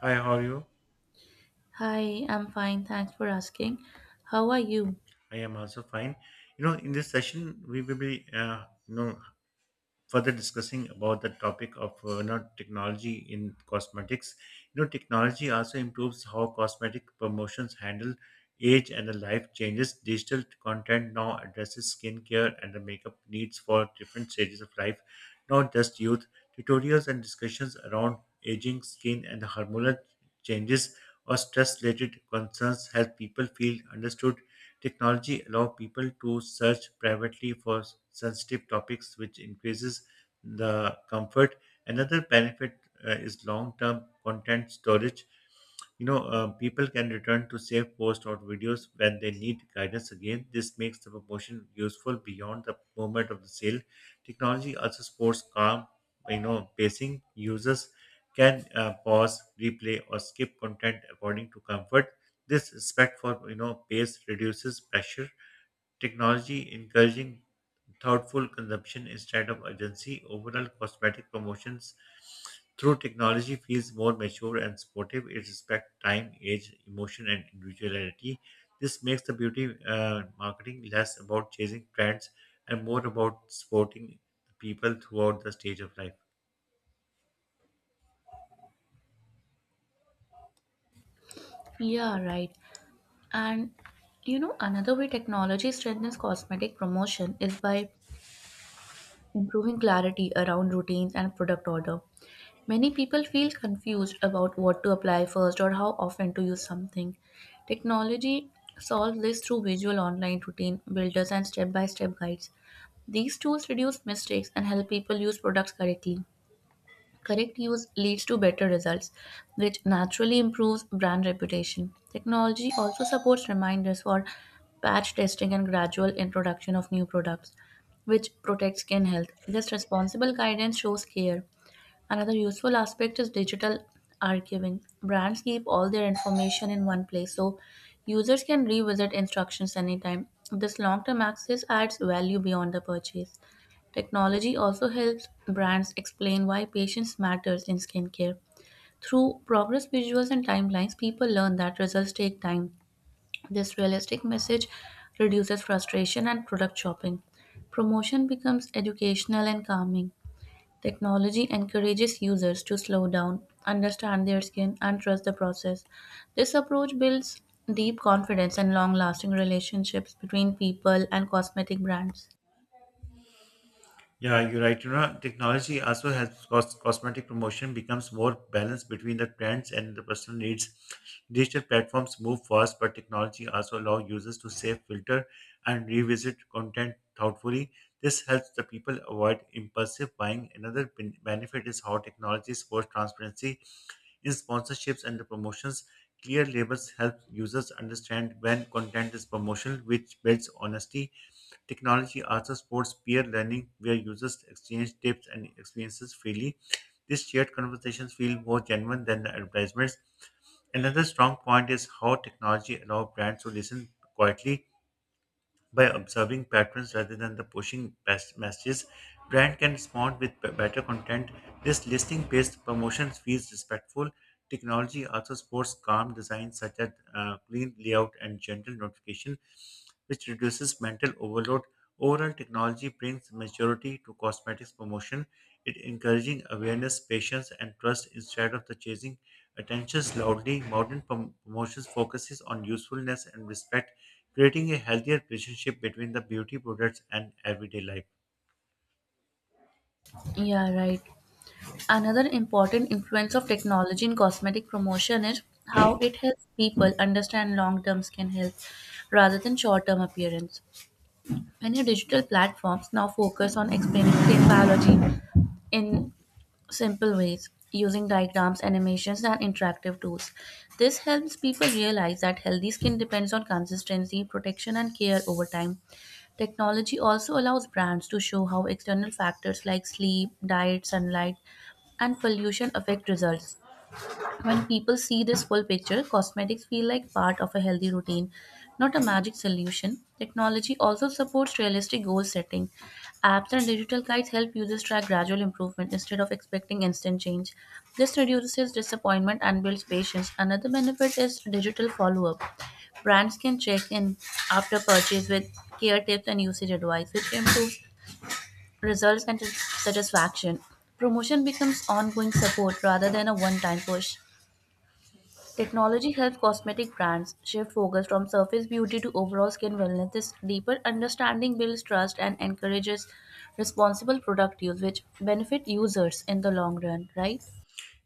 Hi, how are you? Hi, I'm fine. Thanks for asking. How are you? I am also fine. In this session, we will be, further discussing about the topic of technology in cosmetics. Technology also improves how cosmetic promotions handle age and the life changes. Digital content now addresses skincare and the makeup needs for different stages of life, not just youth. Tutorials and discussions around aging, skin, and the hormonal changes or stress-related concerns help people feel understood. Technology allows people to search privately for sensitive topics, which increases the comfort. Another benefit is long term content storage. People can return to safe posts or videos when they need guidance again. This makes the promotion useful beyond the moment of the sale. Technology also supports calm, pacing. Users can pause, replay, or skip content according to comfort. This respect for pace reduces pressure. Technology encouraging thoughtful consumption instead of urgency. Overall, cosmetic promotions through technology feels more mature and supportive. It respects time, age, emotion, and individuality. This makes the beauty marketing less about chasing trends and more about supporting people throughout the stage of life. Yeah, right. And Another way technology strengthens cosmetic promotion is by improving clarity around routines and product order. Many people feel confused about what to apply first or how often to use something. Technology solves this through visual online routine builders and step by step guides. These tools reduce mistakes and help people use products correctly. Correct use leads to better results, which naturally improves brand reputation. Technology also supports reminders for patch testing and gradual introduction of new products, which protects skin health. This responsible guidance shows care. Another useful aspect is digital archiving. Brands keep all their information in one place so users can revisit instructions anytime. This long term access adds value beyond the purchase. Technology also helps brands explain why patience matters in skincare. Through progress visuals and timelines, people learn that results take time. This realistic message reduces frustration and product shopping. Promotion becomes educational and calming. Technology encourages users to slow down, understand their skin, and trust the process. This approach builds deep confidence and long lasting relationships between people and cosmetic brands. Yeah, you're right. Technology also helps cosmetic promotion becomes more balanced between the trends and the personal needs. Digital platforms move fast, but technology also allows users to save, filter, and revisit content thoughtfully. This helps the people avoid impulsive buying. Another benefit is how technology supports transparency in sponsorships and promotions. Clear labels help users understand when content is promotional, which builds honesty. Technology also supports peer learning, where users exchange tips and experiences freely. These shared conversations feel more genuine than the advertisements. Another strong point is how technology allows brands to listen quietly by observing patterns rather than the pushing best messages. Brand can respond with better content. This listing-based promotion feels respectful. Technology also supports calm design such as clean layout and gentle notification, which reduces mental overload. Overall, technology brings maturity to cosmetics promotion. It encouraging awareness, patience, and trust instead of the chasing attentions loudly. Modern promotions focuses on usefulness and respect, creating a healthier relationship between the beauty products and everyday life. Yeah, right. Another important influence of technology in cosmetic promotion is how it helps people understand long term skin health rather than short term appearance. Many digital platforms now focus on explaining brain biology in simple ways using diagrams, animations, and interactive tools. This helps people realize that healthy skin depends on consistency, protection, and care over time. Technology also allows brands to show how external factors like sleep, diet, sunlight, and pollution affect results. When people see this full picture, cosmetics feel like part of a healthy routine, not a magic solution. Technology also supports realistic goal setting. Apps and digital guides help users track gradual improvement instead of expecting instant change. This reduces disappointment and builds patience. Another benefit is digital follow up. Brands can check in after purchase with care tips and usage advice, which improves results and satisfaction. Promotion becomes ongoing support rather than a one time push. Technology helps cosmetic brands shift focus from surface beauty to overall skin wellness. This deeper understanding builds trust and encourages responsible product use, which benefit users in the long run, right?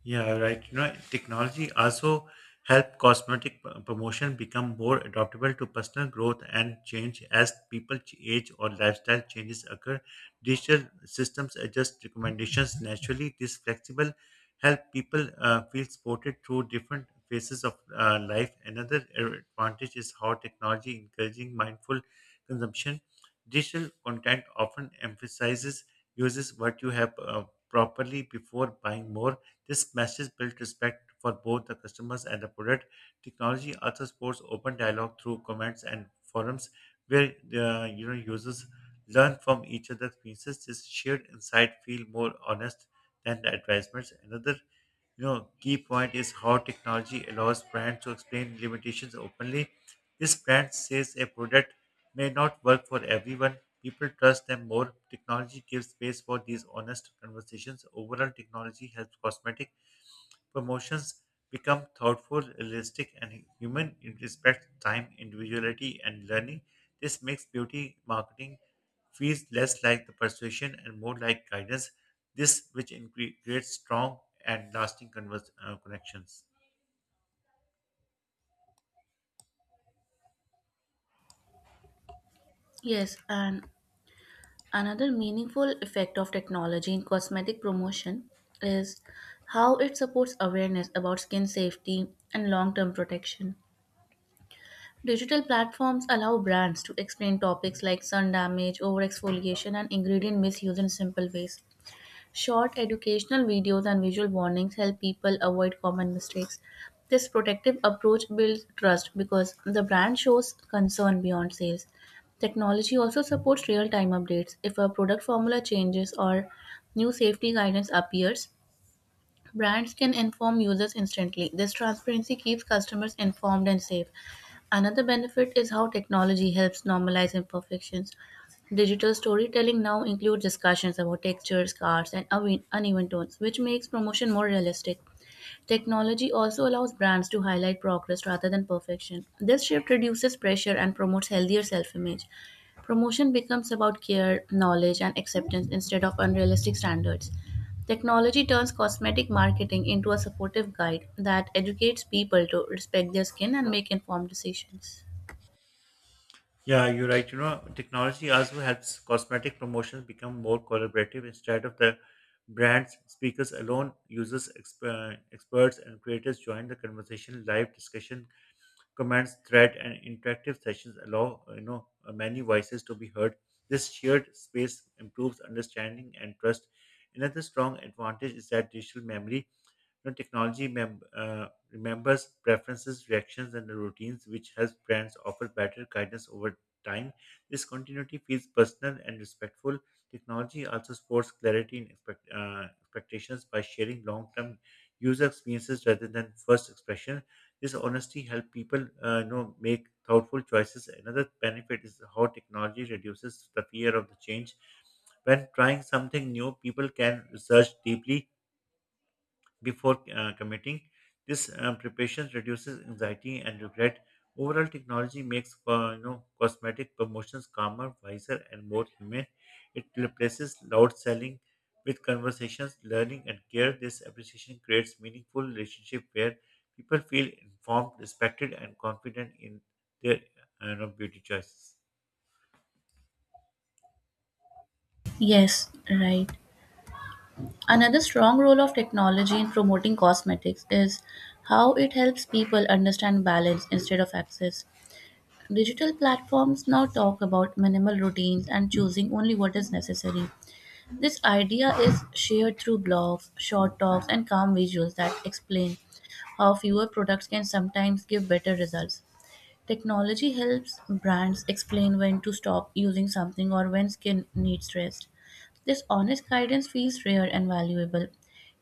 Yeah, right. Technology also help cosmetic promotion become more adaptable to personal growth and change as people age or lifestyle changes occur. Digital systems adjust recommendations naturally. This flexible help people feel supported through different phases of life. Another advantage is how technology encouraging mindful consumption. Digital content often emphasizes uses what you have properly before buying more. This message built respect for both the customers and the product. Technology also supports open dialogue through comments and forums where users learn from each other's experiences. This shared insight feel more honest than the advertisements. Another key point is how technology allows brands to explain limitations openly. This brand says a product may not work for everyone. People trust them more. Technology gives space for these honest conversations. Overall, technology helps cosmetic promotions become thoughtful, realistic, and human. It respects time, individuality, and learning. This makes beauty marketing feels less like the persuasion and more like guidance. This which creates strong and lasting connections. Yes, and another meaningful effect of technology in cosmetic promotion is how it supports awareness about skin safety and long term protection. Digital platforms allow brands to explain topics like sun damage, overexfoliation, and ingredient misuse in simple ways. Short educational videos and visual warnings help people avoid common mistakes. This protective approach builds trust because the brand shows concern beyond sales. Technology also supports real time updates. If a product formula changes or new safety guidance appears, brands can inform users instantly. This transparency keeps customers informed and safe. Another benefit is how technology helps normalize imperfections. Digital storytelling now includes discussions about textures, cards, and uneven tones, which makes promotion more realistic. Technology also allows brands to highlight progress rather than perfection. This shift reduces pressure and promotes healthier self image. Promotion becomes about care, knowledge, and acceptance instead of unrealistic standards. Technology turns cosmetic marketing into a supportive guide that educates people to respect their skin and make informed decisions. Yeah, you're right. Technology also helps cosmetic promotions become more collaborative instead of the brands, speakers alone. Users, experts, and creators join the conversation. Live discussion comments, thread, and interactive sessions allow many voices to be heard. This shared space improves understanding and trust. Another strong advantage is that digital memory, technology remembers preferences, reactions, and the routines, which helps brands offer better guidance over time. This continuity feels personal and respectful. Technology also supports clarity in expectations by sharing long-term user experiences rather than first expression. This honesty helps people make thoughtful choices. Another benefit is how technology reduces the fear of the change. When trying something new, people can research deeply before committing. This preparation reduces anxiety and regret. Overall, technology makes cosmetic promotions calmer, wiser, and more human. It replaces loud selling with conversations, learning, and care. This appreciation creates meaningful relationship where people feel informed, respected, and confident in their beauty choices. Yes, right. Another strong role of technology in promoting cosmetics is how it helps people understand balance instead of access. Digital platforms now talk about minimal routines and choosing only what is necessary. This idea is shared through blogs, short talks, and calm visuals that explain how fewer products can sometimes give better results. Technology helps brands explain when to stop using something or when skin needs rest. This honest guidance feels rare and valuable.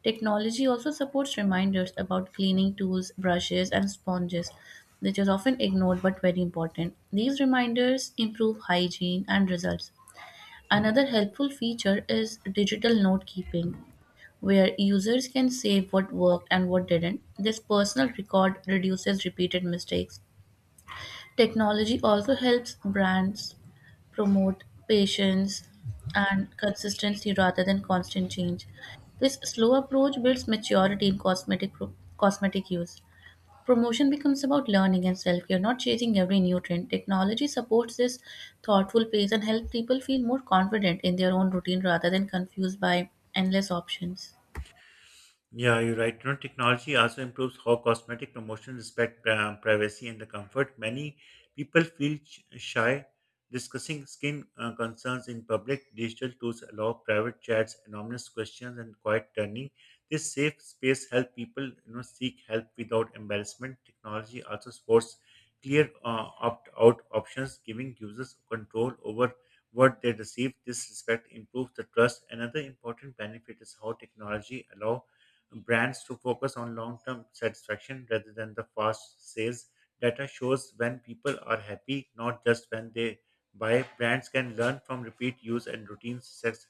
Technology also supports reminders about cleaning tools, brushes, and sponges, which is often ignored but very important. These reminders improve hygiene and results. Another helpful feature is digital note keeping, where users can save what worked and what didn't. This personal record reduces repeated mistakes. Technology also helps brands promote patience and consistency rather than constant change. This slow approach builds maturity in cosmetic use. Promotion becomes about learning and self-care, not chasing every new trend. Technology supports this thoughtful pace and helps people feel more confident in their own routine rather than confused by endless options. Yeah, you're right. You know, technology also improves how cosmetic promotion respect pri- privacy and the comfort. Many people feel sh- shy discussing skin concerns in public. Digital tools allow private chats, anonymous questions, and quiet turning. This safe space help people you know seek help without embarrassment. Technology also supports clear opt-out options, giving users control over what they receive. This respect improves the trust. Another important benefit is how technology allows brands to focus on long-term satisfaction rather than the fast sales. Data shows when people are happy, not just when they buy. Brands can learn from repeat use and routine sex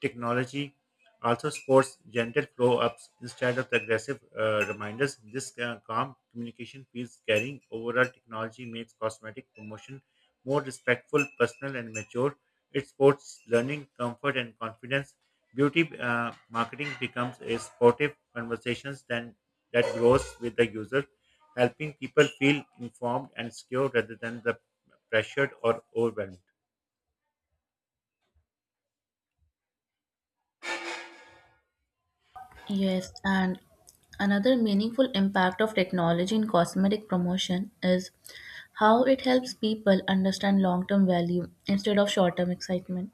technology. Also supports gentle flow-ups instead of the aggressive reminders. This calm communication feels caring. Overall, technology makes cosmetic promotion more respectful, personal, and mature. It supports learning, comfort, and confidence. Beauty marketing becomes a sportive conversations then that grows with the user, helping people feel informed and secure rather than the pressured or overwhelmed. Yes, and another meaningful impact of technology in cosmetic promotion is how it helps people understand long term value instead of short term excitement.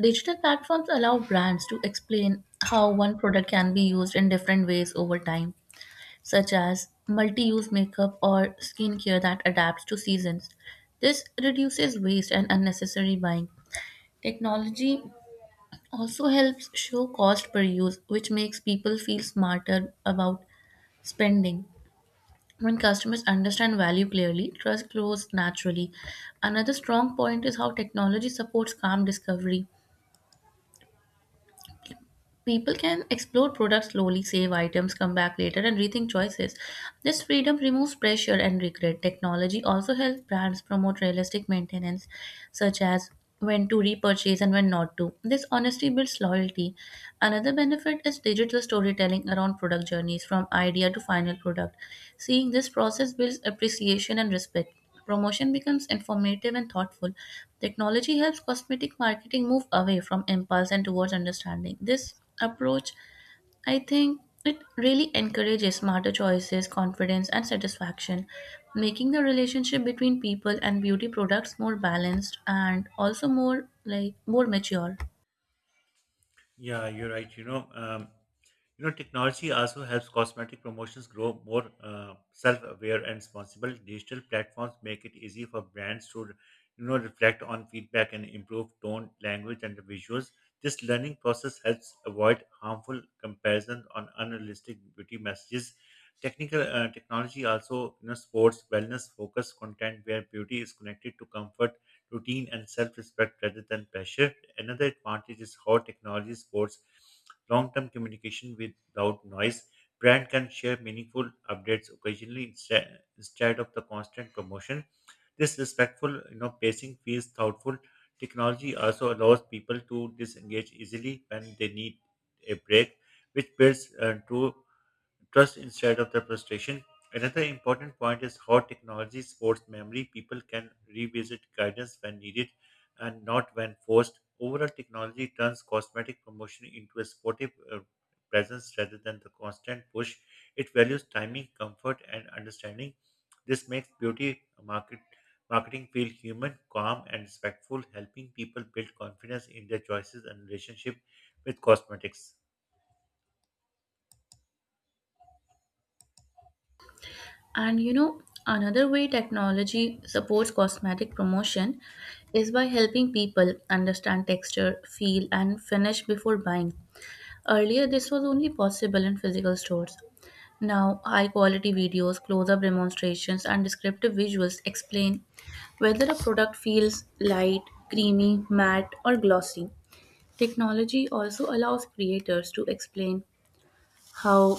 Digital platforms allow brands to explain how one product can be used in different ways over time, such as multi use makeup or skincare that adapts to seasons. This reduces waste and unnecessary buying. Technology also helps show cost per use, which makes people feel smarter about spending. When customers understand value clearly, trust grows naturally. Another strong point is how technology supports calm discovery. People can explore products slowly, save items, come back later, and rethink choices. This freedom removes pressure and regret. Technology also helps brands promote realistic maintenance, such as when to repurchase and when not to. This honesty builds loyalty. Another benefit is digital storytelling around product journeys from idea to final product. Seeing this process builds appreciation and respect. Promotion becomes informative and thoughtful. Technology helps cosmetic marketing move away from impulse and towards understanding. This approach, I think, it really encourages smarter choices, confidence, and satisfaction, making the relationship between people and beauty products more balanced and also more mature. Yeah, you're right. Technology also helps cosmetic promotions grow more self-aware and responsible. Digital platforms make it easy for brands to, reflect on feedback and improve tone, language, and the visuals. This learning process helps avoid harmful comparison on unrealistic beauty messages. Technical Technology also, sports wellness-focused content where beauty is connected to comfort, routine, and self-respect rather than pressure. Another advantage is how technology supports long-term communication without noise. Brand can share meaningful updates occasionally instead of the constant promotion. This respectful, pacing feels thoughtful. Technology also allows people to disengage easily when they need a break, which builds true trust instead of the frustration. Another important point is how technology supports memory. People can revisit guidance when needed and not when forced. Overall, technology turns cosmetic promotion into a supportive presence rather than the constant push. It values timing, comfort, and understanding. This makes beauty marketing feel human, calm, and respectful, helping people build confidence in their choices and relationship with cosmetics. And you know, Another way technology supports cosmetic promotion is by helping people understand texture, feel, and finish before buying. Earlier, this was only possible in physical stores. Now, high quality videos, close up demonstrations, and descriptive visuals explain whether a product feels light, creamy, matte, or glossy. Technology also allows creators to explain how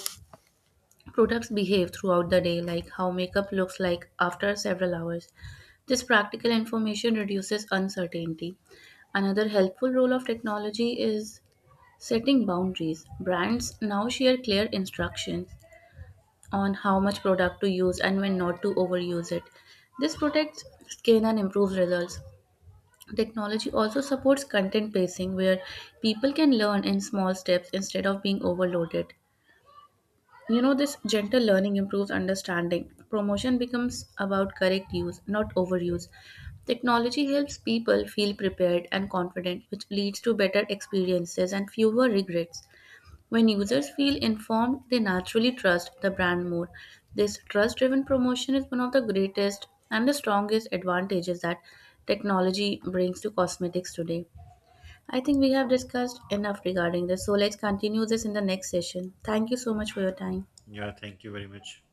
products behave throughout the day, like how makeup looks like after several hours. This practical information reduces uncertainty. Another helpful role of technology is setting boundaries. Brands now share clear instructions on how much product to use and when not to overuse it. This protects skin and improves results. Technology also supports content pacing where people can learn in small steps instead of being overloaded. This gentle learning improves understanding. Promotion becomes about correct use, not overuse. Technology helps people feel prepared and confident, which leads to better experiences and fewer regrets. When users feel informed, they naturally trust the brand more. This trust driven promotion is one of the greatest and the strongest advantages that technology brings to cosmetics today. I think we have discussed enough regarding this, so let's continue this in the next session. Thank you so much for your time. Yeah, thank you very much.